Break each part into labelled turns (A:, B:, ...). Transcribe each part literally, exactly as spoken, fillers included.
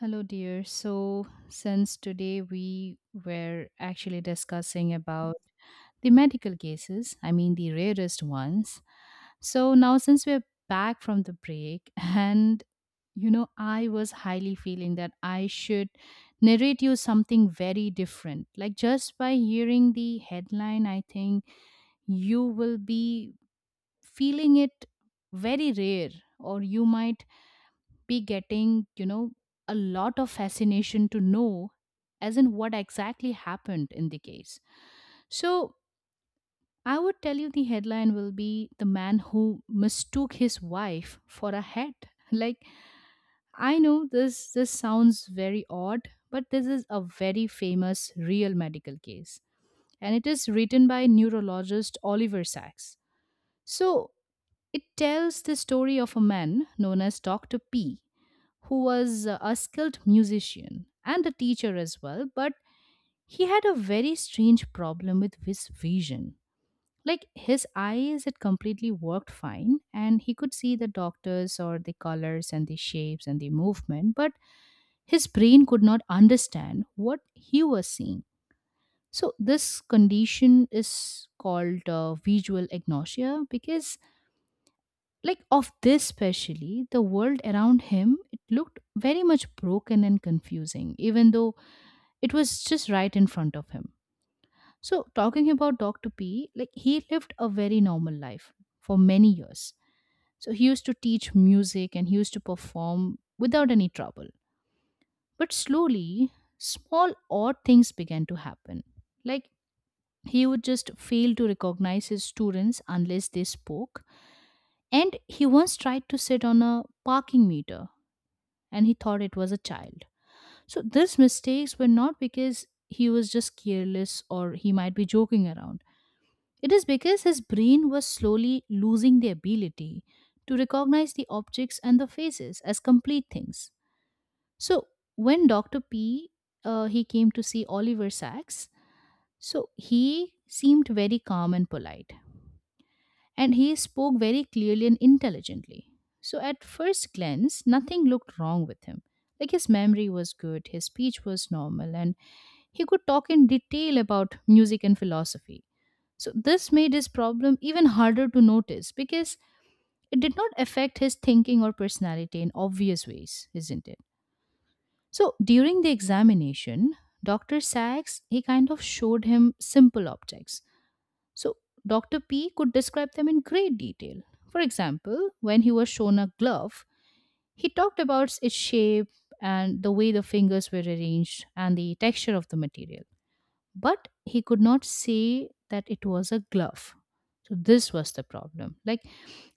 A: Hello, dear. So, since today we were actually discussing about the medical cases, I mean the rarest ones. So, now since we're back from the break, and you know, I was highly feeling that I should narrate you something very different. Like, just by hearing the headline, I think you will be feeling it very rare, or you might be getting, you know, a lot of fascination to know as in what exactly happened in the case. So I would tell you the headline will be "The Man Who Mistook His Wife for a Hat." Like I know this this sounds very odd, but this is a very famous real medical case. And it is written by neurologist Oliver Sacks. So it tells the story of a man known as doctor P, who was a skilled musician and a teacher as well, but he had a very strange problem with his vision. Like his eyes, it completely worked fine, and he could see the doctors or the colors and the shapes and the movement, but his brain could not understand what he was seeing. So this condition is called uh, visual agnosia, because like, of this specially, the world around him, it looked very much broken and confusing, even though it was just right in front of him. So, talking about doctor P, like, he lived a very normal life for many years. So he used to teach music and he used to perform without any trouble. But slowly, small odd things began to happen. Like, he would just fail to recognize his students unless they spoke. And he once tried to sit on a parking meter and he thought it was a child. So these mistakes were not because he was just careless or he might be joking around. It is because his brain was slowly losing the ability to recognize the objects and the faces as complete things. So when doctor P uh, he came to see Oliver Sacks, so he seemed very calm and polite, and he spoke very clearly and intelligently. So, at first glance, nothing looked wrong with him. Like his memory was good, his speech was normal, and he could talk in detail about music and philosophy. So this made his problem even harder to notice, because it did not affect his thinking or personality in obvious ways, isn't it? So, during the examination, doctor Sachs, he kind of showed him simple objects, so doctor P could describe them in great detail. For example, when he was shown a glove, he talked about its shape and the way the fingers were arranged and the texture of the material. But he could not say that it was a glove. So, this was the problem. Like,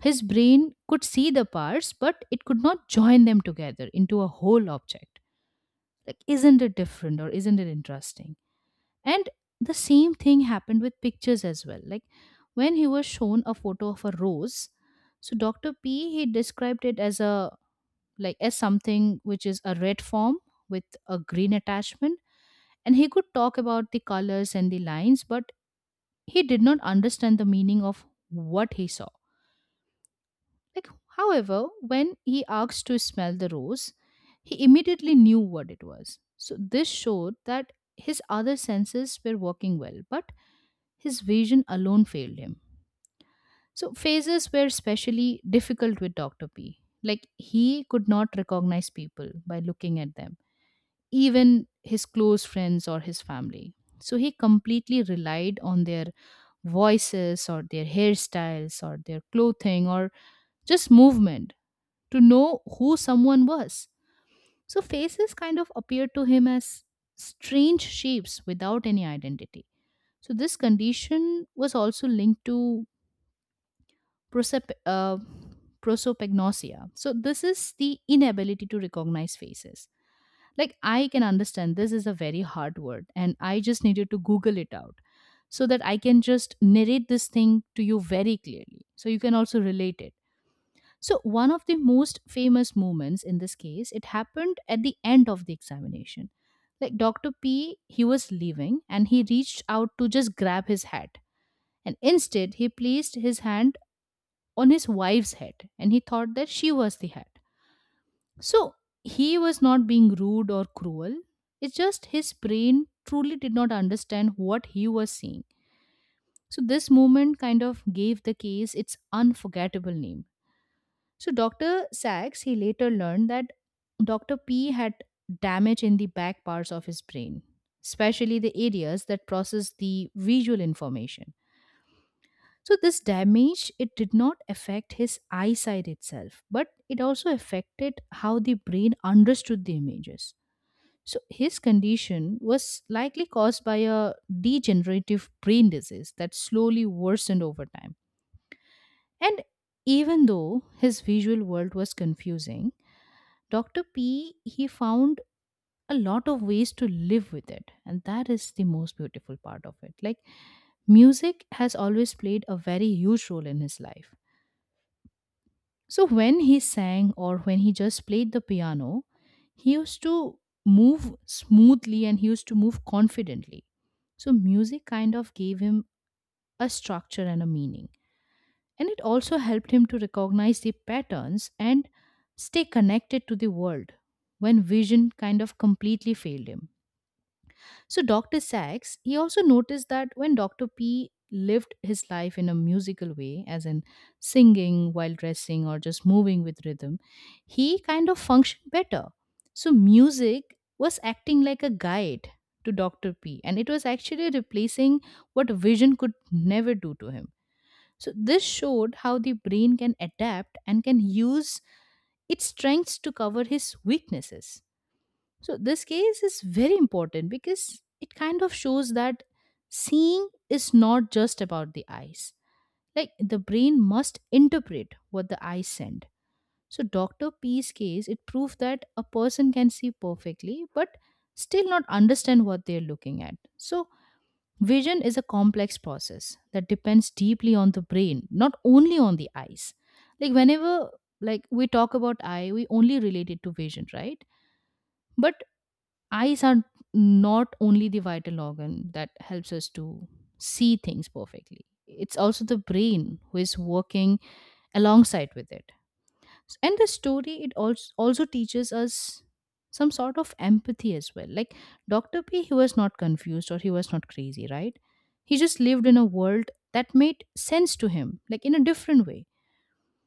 A: his brain could see the parts, but it could not join them together into a whole object. Like, isn't it different, or isn't it interesting? And the same thing happened with pictures as well. Like when he was shown a photo of a rose, so doctor P, he described it as a, like, as something which is a red form with a green attachment, and he could talk about the colors and the lines, but he did not understand the meaning of what he saw. Like, however, when he asked to smell the rose, he immediately knew what it was. So this showed that his other senses were working well, but his vision alone failed him. So, phases were especially difficult with doctor P. Like, he could not recognize people by looking at them, even his close friends or his family. So he completely relied on their voices or their hairstyles or their clothing or just movement to know who someone was. So, faces kind of appeared to him as strange shapes without any identity. So this condition was also linked to prosop- uh, prosopagnosia. So this is the inability to recognize faces. Like, I can understand this is a very hard word, and I just needed to Google it out so that I can just narrate this thing to you very clearly. So, you can also relate it. So, one of the most famous moments in this case, it happened at the end of the examination. Like doctor P, he was leaving and he reached out to just grab his hat. And instead, he placed his hand on his wife's head and he thought that she was the hat. So he was not being rude or cruel. It's just his brain truly did not understand what he was seeing. So this moment kind of gave the case its unforgettable name. So doctor Sachs, he later learned that doctor P had damage in the back parts of his brain, especially the areas that process the visual information. So this damage, it did not affect his eyesight itself, but it also affected how the brain understood the images. So his condition was likely caused by a degenerative brain disease that slowly worsened over time. And even though his visual world was confusing, doctor P, he found a lot of ways to live with it, and that is the most beautiful part of it. Like, music has always played a very huge role in his life. So when he sang or when he just played the piano, he used to move smoothly and he used to move confidently. So music kind of gave him a structure and a meaning. And it also helped him to recognize the patterns and stay connected to the world when vision kind of completely failed him. So doctor Sachs, he also noticed that when doctor P lived his life in a musical way, as in singing while dressing or just moving with rhythm, he kind of functioned better. So music was acting like a guide to doctor P, and it was actually replacing what vision could never do to him. So this showed how the brain can adapt and can use its strengths to cover his weaknesses. So this case is very important because it kind of shows that seeing is not just about the eyes. Like, the brain must interpret what the eyes send. So doctor P's case, it proved that a person can see perfectly but still not understand what they're looking at. So vision is a complex process that depends deeply on the brain, not only on the eyes. Like, whenever, like, we talk about eye, we only relate it to vision, right? But eyes are not only the vital organ that helps us to see things perfectly, it's also the brain who is working alongside with it. And the story, it also also teaches us some sort of empathy as well. Like, Dr. P, he was not confused or he was not crazy, right? He just lived in a world that made sense to him, like in a different way.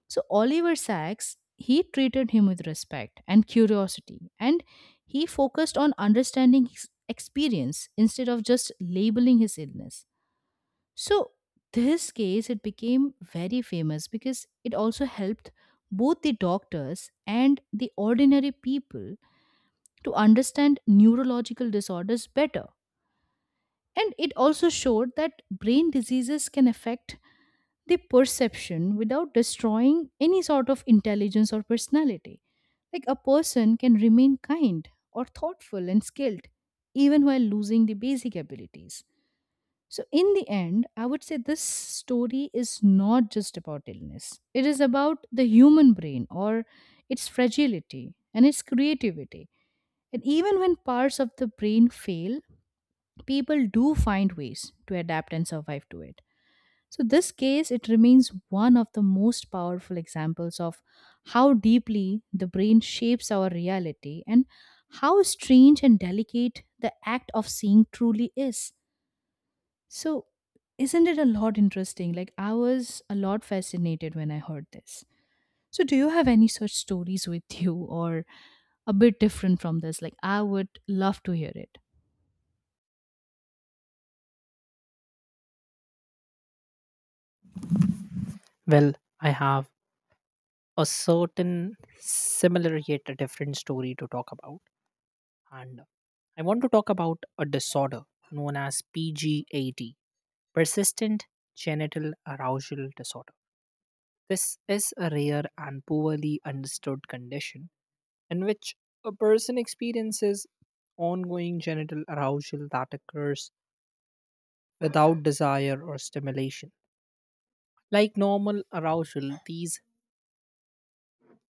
A: So Oliver Sacks, he treated him with respect and curiosity, and he focused on understanding his experience instead of just labeling his illness. So this case, it became very famous because it also helped both the doctors and the ordinary people to understand neurological disorders better. And it also showed that brain diseases can affect the perception without destroying any sort of intelligence or personality. Like, a person can remain kind or thoughtful and skilled even while losing the basic abilities. So, in the end, I would say this story is not just about illness. It is about the human brain, or its fragility and its creativity. And even when parts of the brain fail, people do find ways to adapt and survive to it. So this case, it remains one of the most powerful examples of how deeply the brain shapes our reality and how strange and delicate the act of seeing truly is. So, isn't it a lot interesting? Like, I was a lot fascinated when I heard this. So, do you have any such stories with you or a bit different from this? Like, I would love to hear it.
B: Well, I have a certain similar yet a different story to talk about. And I want to talk about a disorder known as P G A D, persistent genital arousal disorder. This is a rare and poorly understood condition in which a person experiences ongoing genital arousal that occurs without desire or stimulation. Like normal arousal, these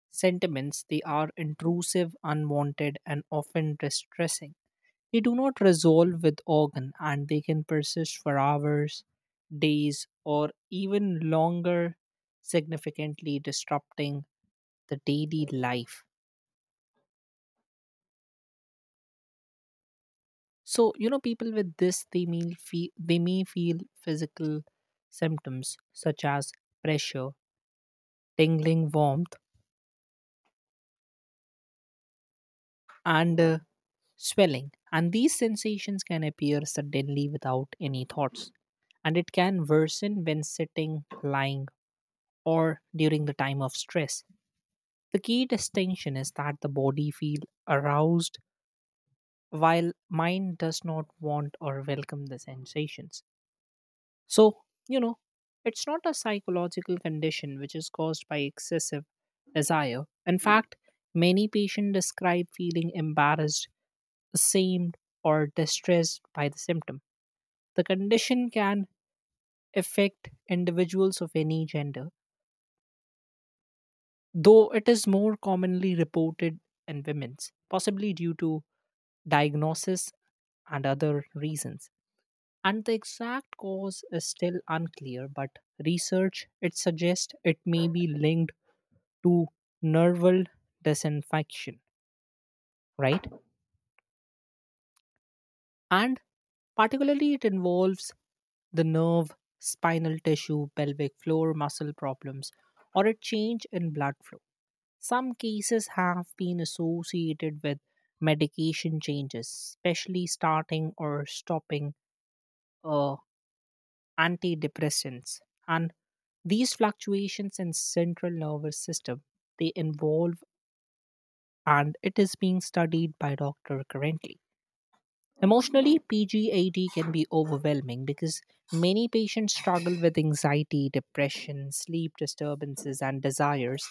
B: sentiments, they are intrusive, unwanted, and often distressing. They do not resolve with organ and they can persist for hours, days, or even longer, significantly disrupting the daily life. So, you know, people with this they may feel they may feel physical symptoms such as pressure, tingling warmth, and uh, swelling, and these sensations can appear suddenly without any thoughts. And it can worsen when sitting, lying, or during the time of stress. The key distinction is that the body feels aroused while mind does not want or welcome the sensations. So, you know, it's not a psychological condition which is caused by excessive desire. In fact, many patients describe feeling embarrassed, ashamed, or distressed by the symptom. The condition can affect individuals of any gender, though it is more commonly reported in women's, possibly due to diagnosis and other reasons. And the exact cause is still unclear, but research it suggests it may be linked to nerval disinfection, right? And particularly it involves the nerve, spinal tissue, pelvic floor muscle problems, or a change in blood flow. Some cases have been associated with medication changes, especially starting or stopping uh, antidepressants. And these fluctuations in central nervous system they involve and it is being studied by doctor currently. Emotionally, P G A D can be overwhelming because many patients struggle with anxiety, depression, sleep disturbances, and desires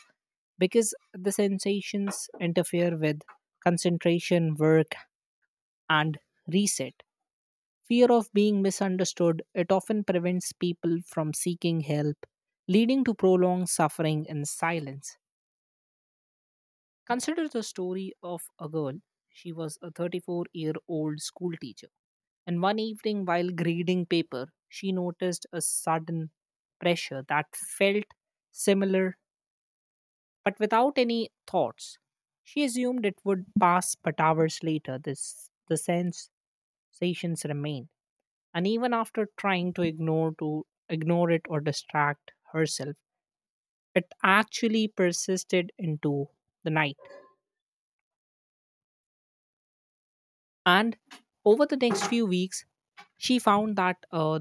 B: because the sensations interfere with concentration, work, and reset. Fear of being misunderstood, it often prevents people from seeking help, leading to prolonged suffering in silence. Consider the story of a girl. She was a thirty-four year old school teacher. And one evening, while grading paper, she noticed a sudden pressure that felt similar but without any thoughts. She assumed it would pass, but hours later, this, the sensations remained. And even after trying to ignore to ignore it or distract herself, it actually persisted into the night. And over the next few weeks, she found that uh,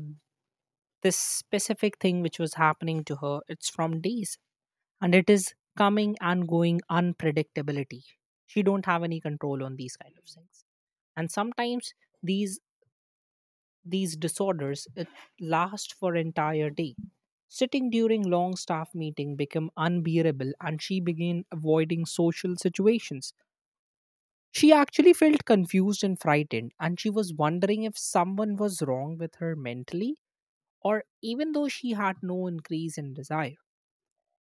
B: this specific thing which was happening to her, it's from days and it is coming and going unpredictability, she don't have any control on these kind of things, and sometimes these these disorders it last for entire day. Sitting during long staff meeting became unbearable and she began avoiding social situations. She actually felt confused and frightened and she was wondering if someone was wrong with her mentally or even though she had no increase in desire.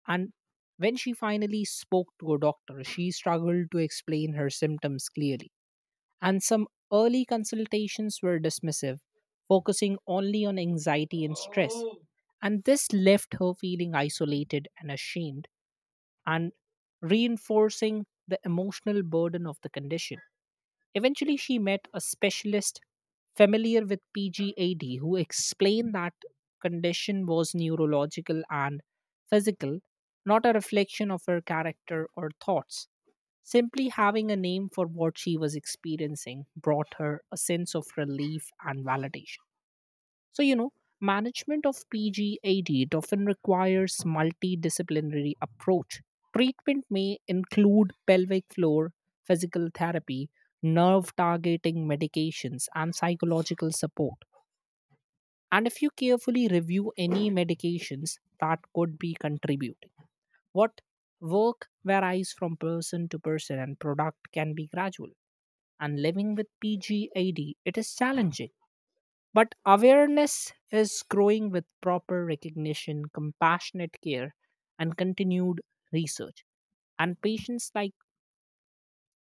B: And when she finally spoke to a doctor, she struggled to explain her symptoms clearly. And some early consultations were dismissive, focusing only on anxiety and stress. And this left her feeling isolated and ashamed and reinforcing the emotional burden of the condition. Eventually, she met a specialist familiar with P G A D who explained that condition was neurological and physical, not a reflection of her character or thoughts. Simply having a name for what she was experiencing brought her a sense of relief and validation. So, you know, management of P G A D it often requires multidisciplinary approach. Treatment may include pelvic floor, physical therapy, nerve targeting medications, and psychological support. And if you carefully review any medications that could be contributing, what work varies from person to person and product can be gradual. And living with P G A D, it is challenging but awareness is growing with proper recognition, compassionate care, and continued research. And patients like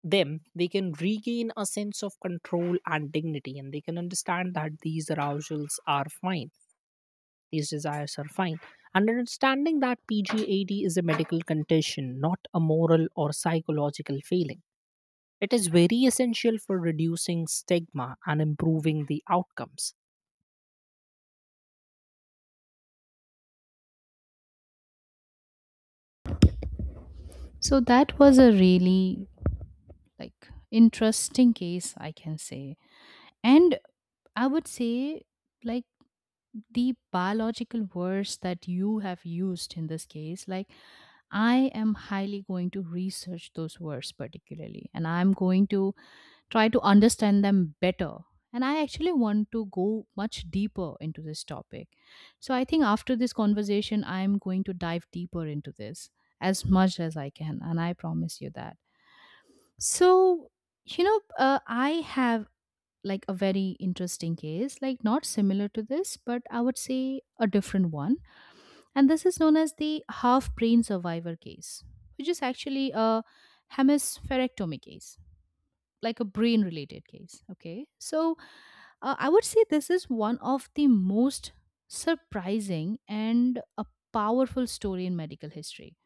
B: them, they can regain a sense of control and dignity, and they can understand that these arousals are fine, these desires are fine. And understanding that P G A D is a medical condition, not a moral or psychological failing. It is very essential for reducing stigma and improving the outcomes.
A: So, that was a really, like, interesting case, I can say. And I would say, like, the biological words that you have used in this case, like, I am highly going to research those words particularly, and I'm going to try to understand them better. And I actually want to go much deeper into this topic. So I think after this conversation, I'm going to dive deeper into this as much as I can, and I promise you that. So, you know, uh, I have like a very interesting case, like not similar to this, but I would say a different one. And this is known as the half brain survivor case, which is actually a hemispherectomy case, like a brain related case. Okay. So uh, I would say this is one of the most surprising and a powerful story in medical history.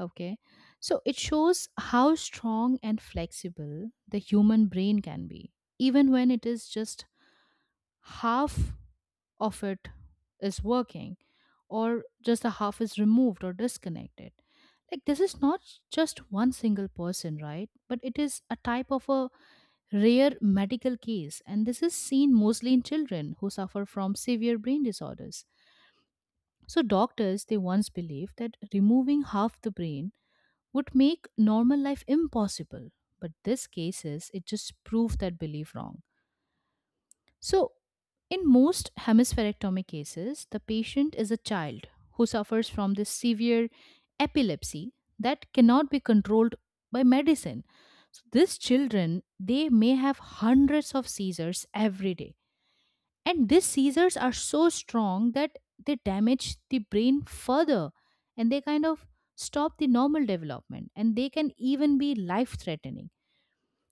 A: Okay. So it shows how strong and flexible the human brain can be, even when it is just half of it is working, or just the half is removed or disconnected. Like this is not just one single person, right, but it is a type of a rare medical case, and this is seen mostly in children who suffer from severe brain disorders. So doctors, they once believed that removing half the brain would make normal life impossible, but this cases it just proved that belief wrong. So, in most hemispherectomy cases, the patient is a child who suffers from this severe epilepsy that cannot be controlled by medicine. So, these children, they may have hundreds of seizures every day. And these seizures are so strong that they damage the brain further, and they kind of stop the normal development, and they can even be life threatening.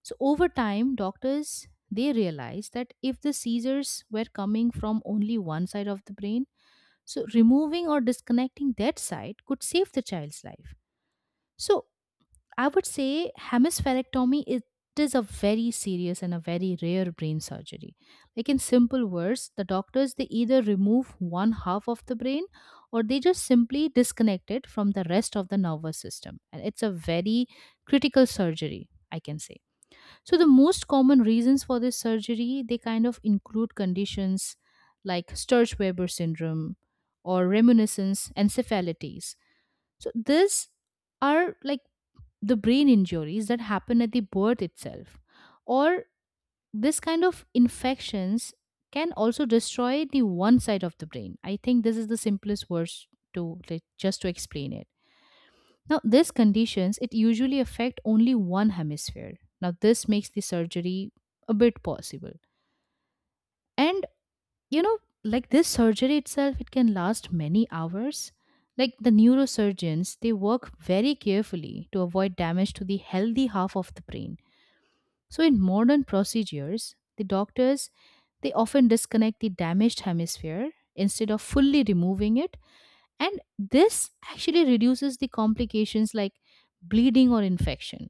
A: So over time, doctors they realized that if the seizures were coming from only one side of the brain, so removing or disconnecting that side could save the child's life. So I would say hemispherectomy it is a very serious and a very rare brain surgery. Like in simple words, the doctors they either remove one half of the brain or they just simply disconnect it from the rest of the nervous system. And it's a very critical surgery, I can say. So the most common reasons for this surgery they kind of include conditions like Sturge-Weber syndrome or reminiscence encephalitis. So these are like the brain injuries that happen at the birth itself, or this kind of infections can also destroy the one side of the brain. I think this is the simplest words to like, just to explain it. Now, these conditions it usually affect only one hemisphere. Now, this makes the surgery a bit possible. And you know, like this surgery itself, it can last many hours. Like the neurosurgeons, they work very carefully to avoid damage to the healthy half of the brain. So, in modern procedures, the doctors they often disconnect the damaged hemisphere instead of fully removing it, and this actually reduces the complications like bleeding or infection.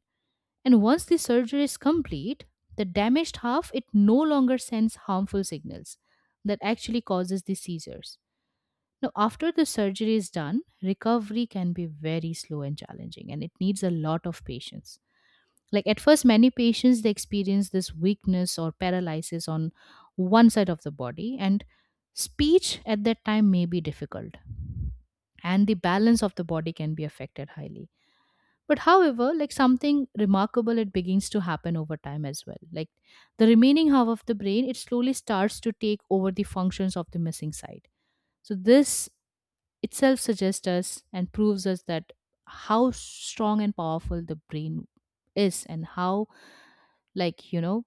A: And once the surgery is complete, the damaged half it no longer sends harmful signals that actually causes the seizures. Now after the surgery is done, recovery can be very slow and challenging, and it needs a lot of patience. Like at first many patients they experience this weakness or paralysis on one side of the body, and speech at that time may be difficult, and the balance of the body can be affected highly, but however, like something remarkable, it begins to happen over time as well. Like the remaining half of the brain, it slowly starts to take over the functions of the missing side. So this itself suggests us and proves us that how strong and powerful the brain is, and how like you know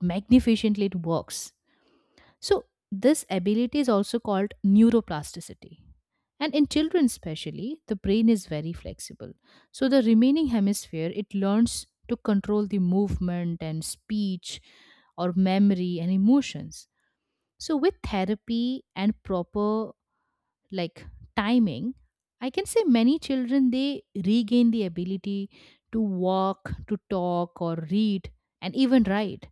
A: magnificently it works. So, this ability is also called neuroplasticity. And in children, especially, the brain is very flexible. So, the remaining hemisphere it learns to control the movement and speech or memory and emotions. So, with therapy and proper like timing, I can say many children they regain the ability to walk, to talk, or read, and even write.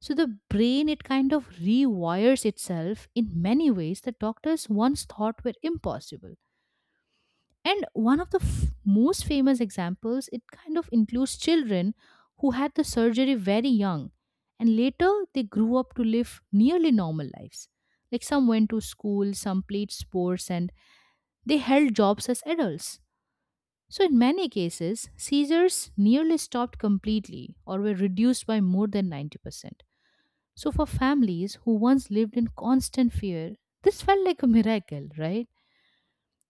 A: So the brain, it kind of rewires itself in many ways that doctors once thought were impossible. And one of the f- most famous examples, it kind of includes children who had the surgery very young, and later they grew up to live nearly normal lives. Like some went to school, some played sports, and they held jobs as adults. So, in many cases, seizures nearly stopped completely or were reduced by more than ninety percent. So, for families who once lived in constant fear, this felt like a miracle, right?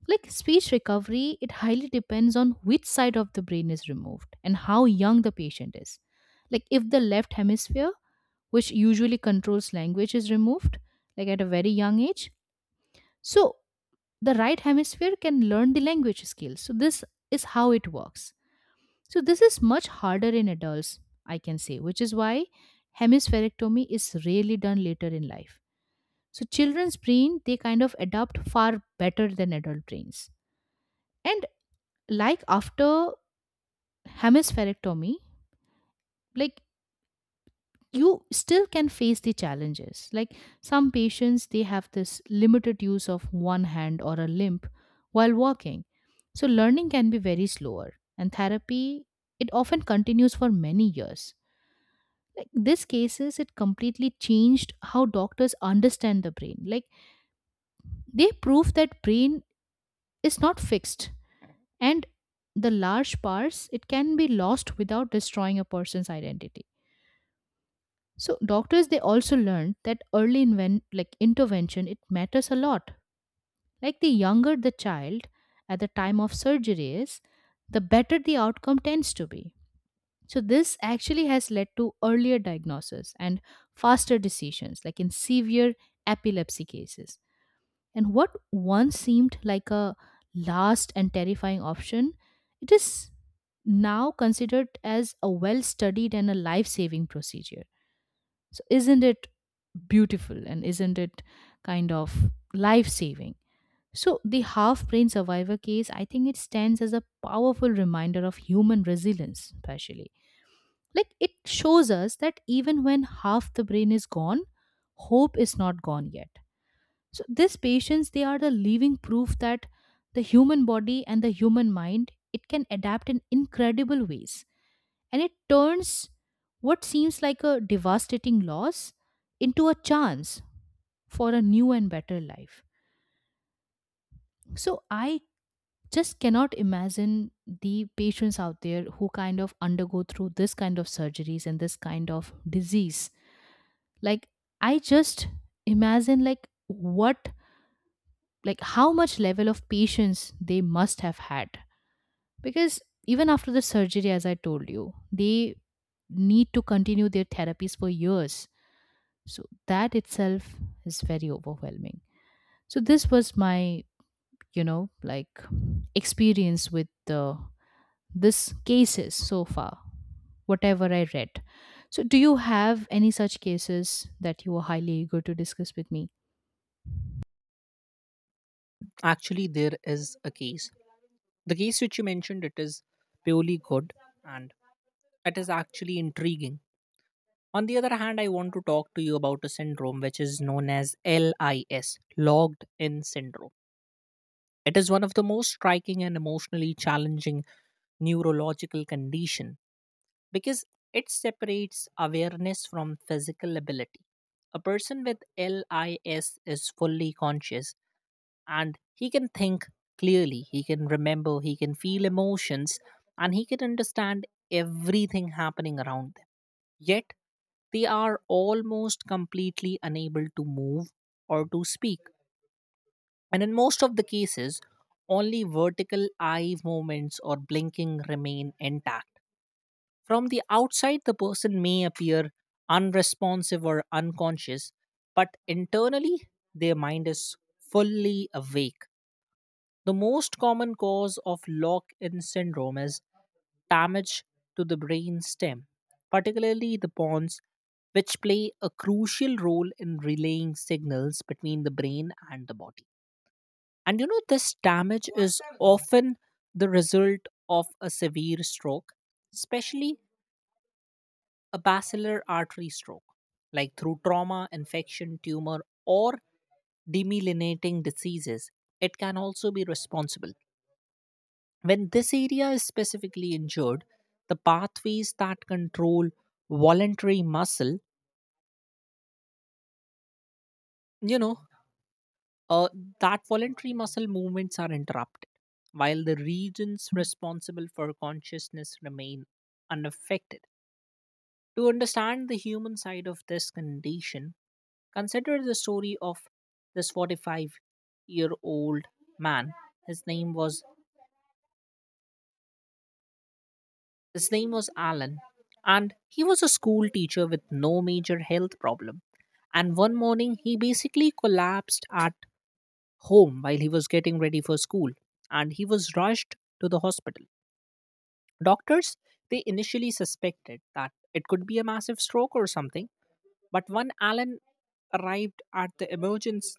A: Like speech recovery, it highly depends on which side of the brain is removed and how young the patient is. Like, if the left hemisphere, which usually controls language, is removed, like at a very young age, so the right hemisphere can learn the language skills. So, this is how it works. So, this is much harder in adults, I can say, which is why hemispherectomy is rarely done later in life. So children's brain they kind of adapt far better than adult brains. And like after hemispherectomy, like you still can face the challenges. Like some patients they have this limited use of one hand or a limp while walking. So learning can be very slower, and therapy it often continues for many years. Like these cases it completely changed how doctors understand the brain. Like they prove that brain is not fixed, and the large parts it can be lost without destroying a person's identity. So doctors they also learned that early inven- like intervention it matters a lot. Like the younger the child at the time of surgery is, the better the outcome tends to be. So this actually has led to earlier diagnosis and faster decisions, like in severe epilepsy cases. And what once seemed like a last and terrifying option, it is now considered as a well studied and a life saving procedure. So, isn't it beautiful, and isn't it kind of life saving? So, the half brain survivor case, I think it stands as a powerful reminder of human resilience, especially. Like, it shows us that even when half the brain is gone, hope is not gone yet. So these patients, they are the living proof that the human body and the human mind, it can adapt in incredible ways. And it turns what seems like a devastating loss into a chance for a new and better life. So I just cannot imagine the patients out there who kind of undergo through this kind of surgeries and this kind of disease. Like I just imagine like what, like how much level of patience they must have had, because even after the surgery, as I told you, they need to continue their therapies for years, so that itself is very overwhelming. So this was my you know like experience with the this cases so far, whatever I read. So do you have any such cases that you are highly eager to discuss with me?
B: Actually, there is a case. The case which you mentioned, it is purely good and it is actually intriguing. On the other hand, I want to talk to you about a syndrome which is known as L I S, logged in syndrome. It is one of the most striking and emotionally challenging neurological condition because it separates awareness from physical ability. A person with L I S is fully conscious and he can think clearly, he can remember, he can feel emotions, and he can understand everything happening around them. Yet they are almost completely unable to move or to speak, and in most of the cases only vertical eye movements or blinking remain intact. From the outside the person may appear unresponsive or unconscious, but internally their mind is fully awake. The most common cause of lock in syndrome is damage to the brain stem, particularly the pons, which play a crucial role in relaying signals between the brain and the body. And you know, this damage is often the result of a severe stroke, especially a basilar artery stroke, like through trauma, infection, tumor, or demyelinating diseases. It can also be responsible. When this area is specifically injured, the pathways that control voluntary muscle, you know, uh, that voluntary muscle movements are interrupted, while the regions responsible for consciousness remain unaffected. To understand the human side of this condition, consider the story of this forty-five year old man. His name was His name was Alan, and he was a school teacher with no major health problem. And one morning, he basically collapsed at home while he was getting ready for school, and he was rushed to the hospital. Doctors, they initially suspected that it could be a massive stroke or something, but when Alan arrived at the emergency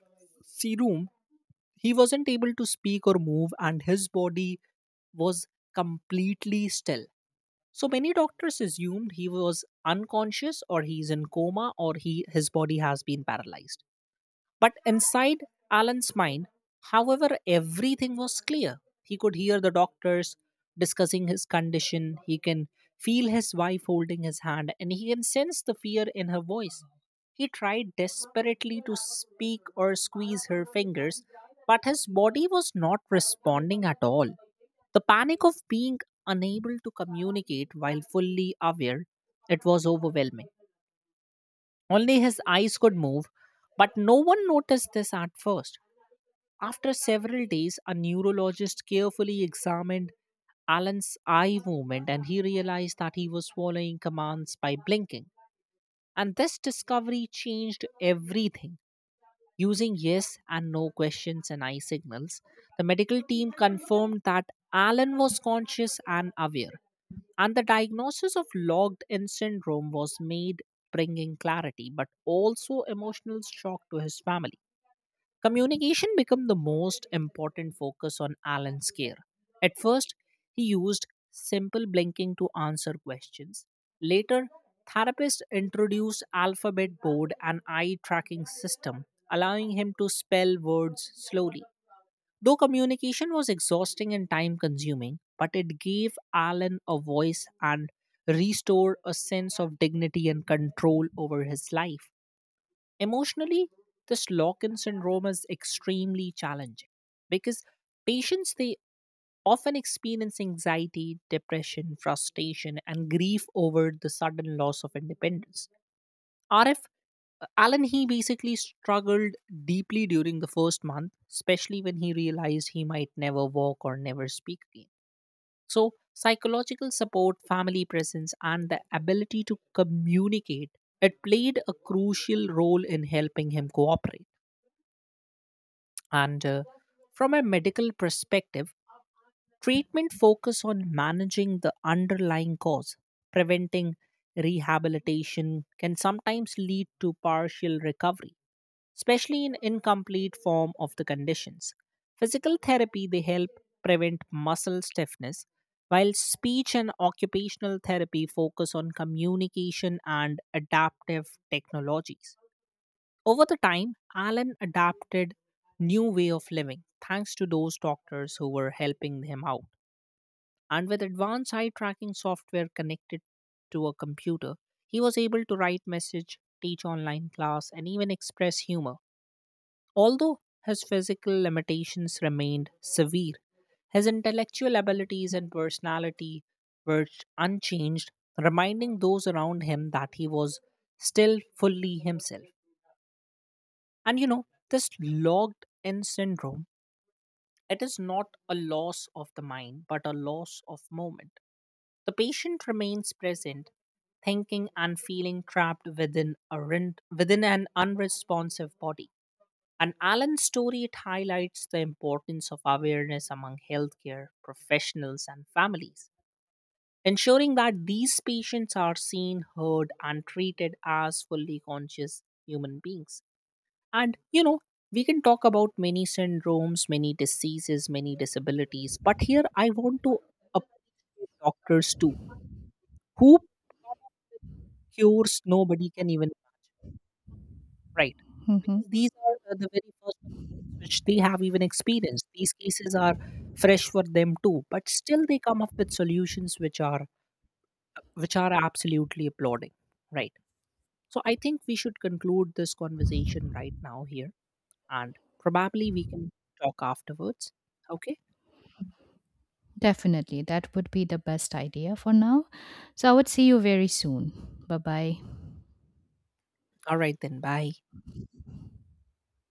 B: room, he wasn't able to speak or move, and his body was completely still. So many doctors assumed he was unconscious or he's in coma or he his body has been paralyzed. But inside Alan's mind, however, everything was clear. He could hear the doctors discussing his condition, he can feel his wife holding his hand, and he can sense the fear in her voice. He tried desperately to speak or squeeze her fingers, but his body was not responding at all. The panic of being unable to communicate while fully aware, it was overwhelming. Only his eyes could move, but no one noticed this at first. After several days, a neurologist carefully examined Alan's eye movement and he realized that he was following commands by blinking. And this discovery changed everything. Using yes and no questions and eye signals, the medical team confirmed that Alan was conscious and aware. And the diagnosis of logged in syndrome was made, bringing clarity, but also emotional shock to his family. Communication became the most important focus on Alan's care. At first, he used simple blinking to answer questions. Later, therapists introduced alphabet board and eye tracking system, allowing him to spell words slowly. Though communication was exhausting and time consuming, but it gave Alan a voice and restored a sense of dignity and control over his life. Emotionally, this Lockin syndrome is extremely challenging because patients they often experience anxiety, depression, frustration, and grief over the sudden loss of independence. RF uh, Alan he basically struggled deeply during the first month, especially when he realized he might never walk or never speak again. So, psychological support, family presence, and the ability to communicate it played a crucial role in helping him cooperate. And uh, From a medical perspective, treatment focus on managing the underlying cause, preventing rehabilitation can sometimes lead to partial recovery especially in incomplete form of the conditions. Physical therapy they help prevent muscle stiffness, while speech and occupational therapy focus on communication and adaptive technologies. Over the time, Alan adapted new way of living thanks to those doctors who were helping him out. And with advanced eye tracking software connected to a computer, he was able to write message, teach online class, and even express humor. Although his physical limitations remained severe, his intellectual abilities and personality were unchanged, reminding those around him that he was still fully himself. And you know, this logged in syndrome, it is not a loss of the mind, but a loss of moment. The patient remains present, thinking and feeling trapped within a rin- within an unresponsive body. And Alan's story it highlights the importance of awareness among healthcare professionals and families, ensuring that these patients are seen, heard, and treated as fully conscious human beings. And you know, we can talk about many syndromes, many diseases, many disabilities, but here I want to appreciate doctors too, who cures nobody can even. Right. Because these are uh, the very first offenses which they have even experienced. These cases are fresh for them too, but still they come up with solutions which are which are absolutely applauding. Right. So I think we should conclude this conversation right now here, and probably we can talk afterwards. Okay.
A: Definitely. That would be the best idea for now. So I would see you very soon. Bye bye.
B: All right then. Bye.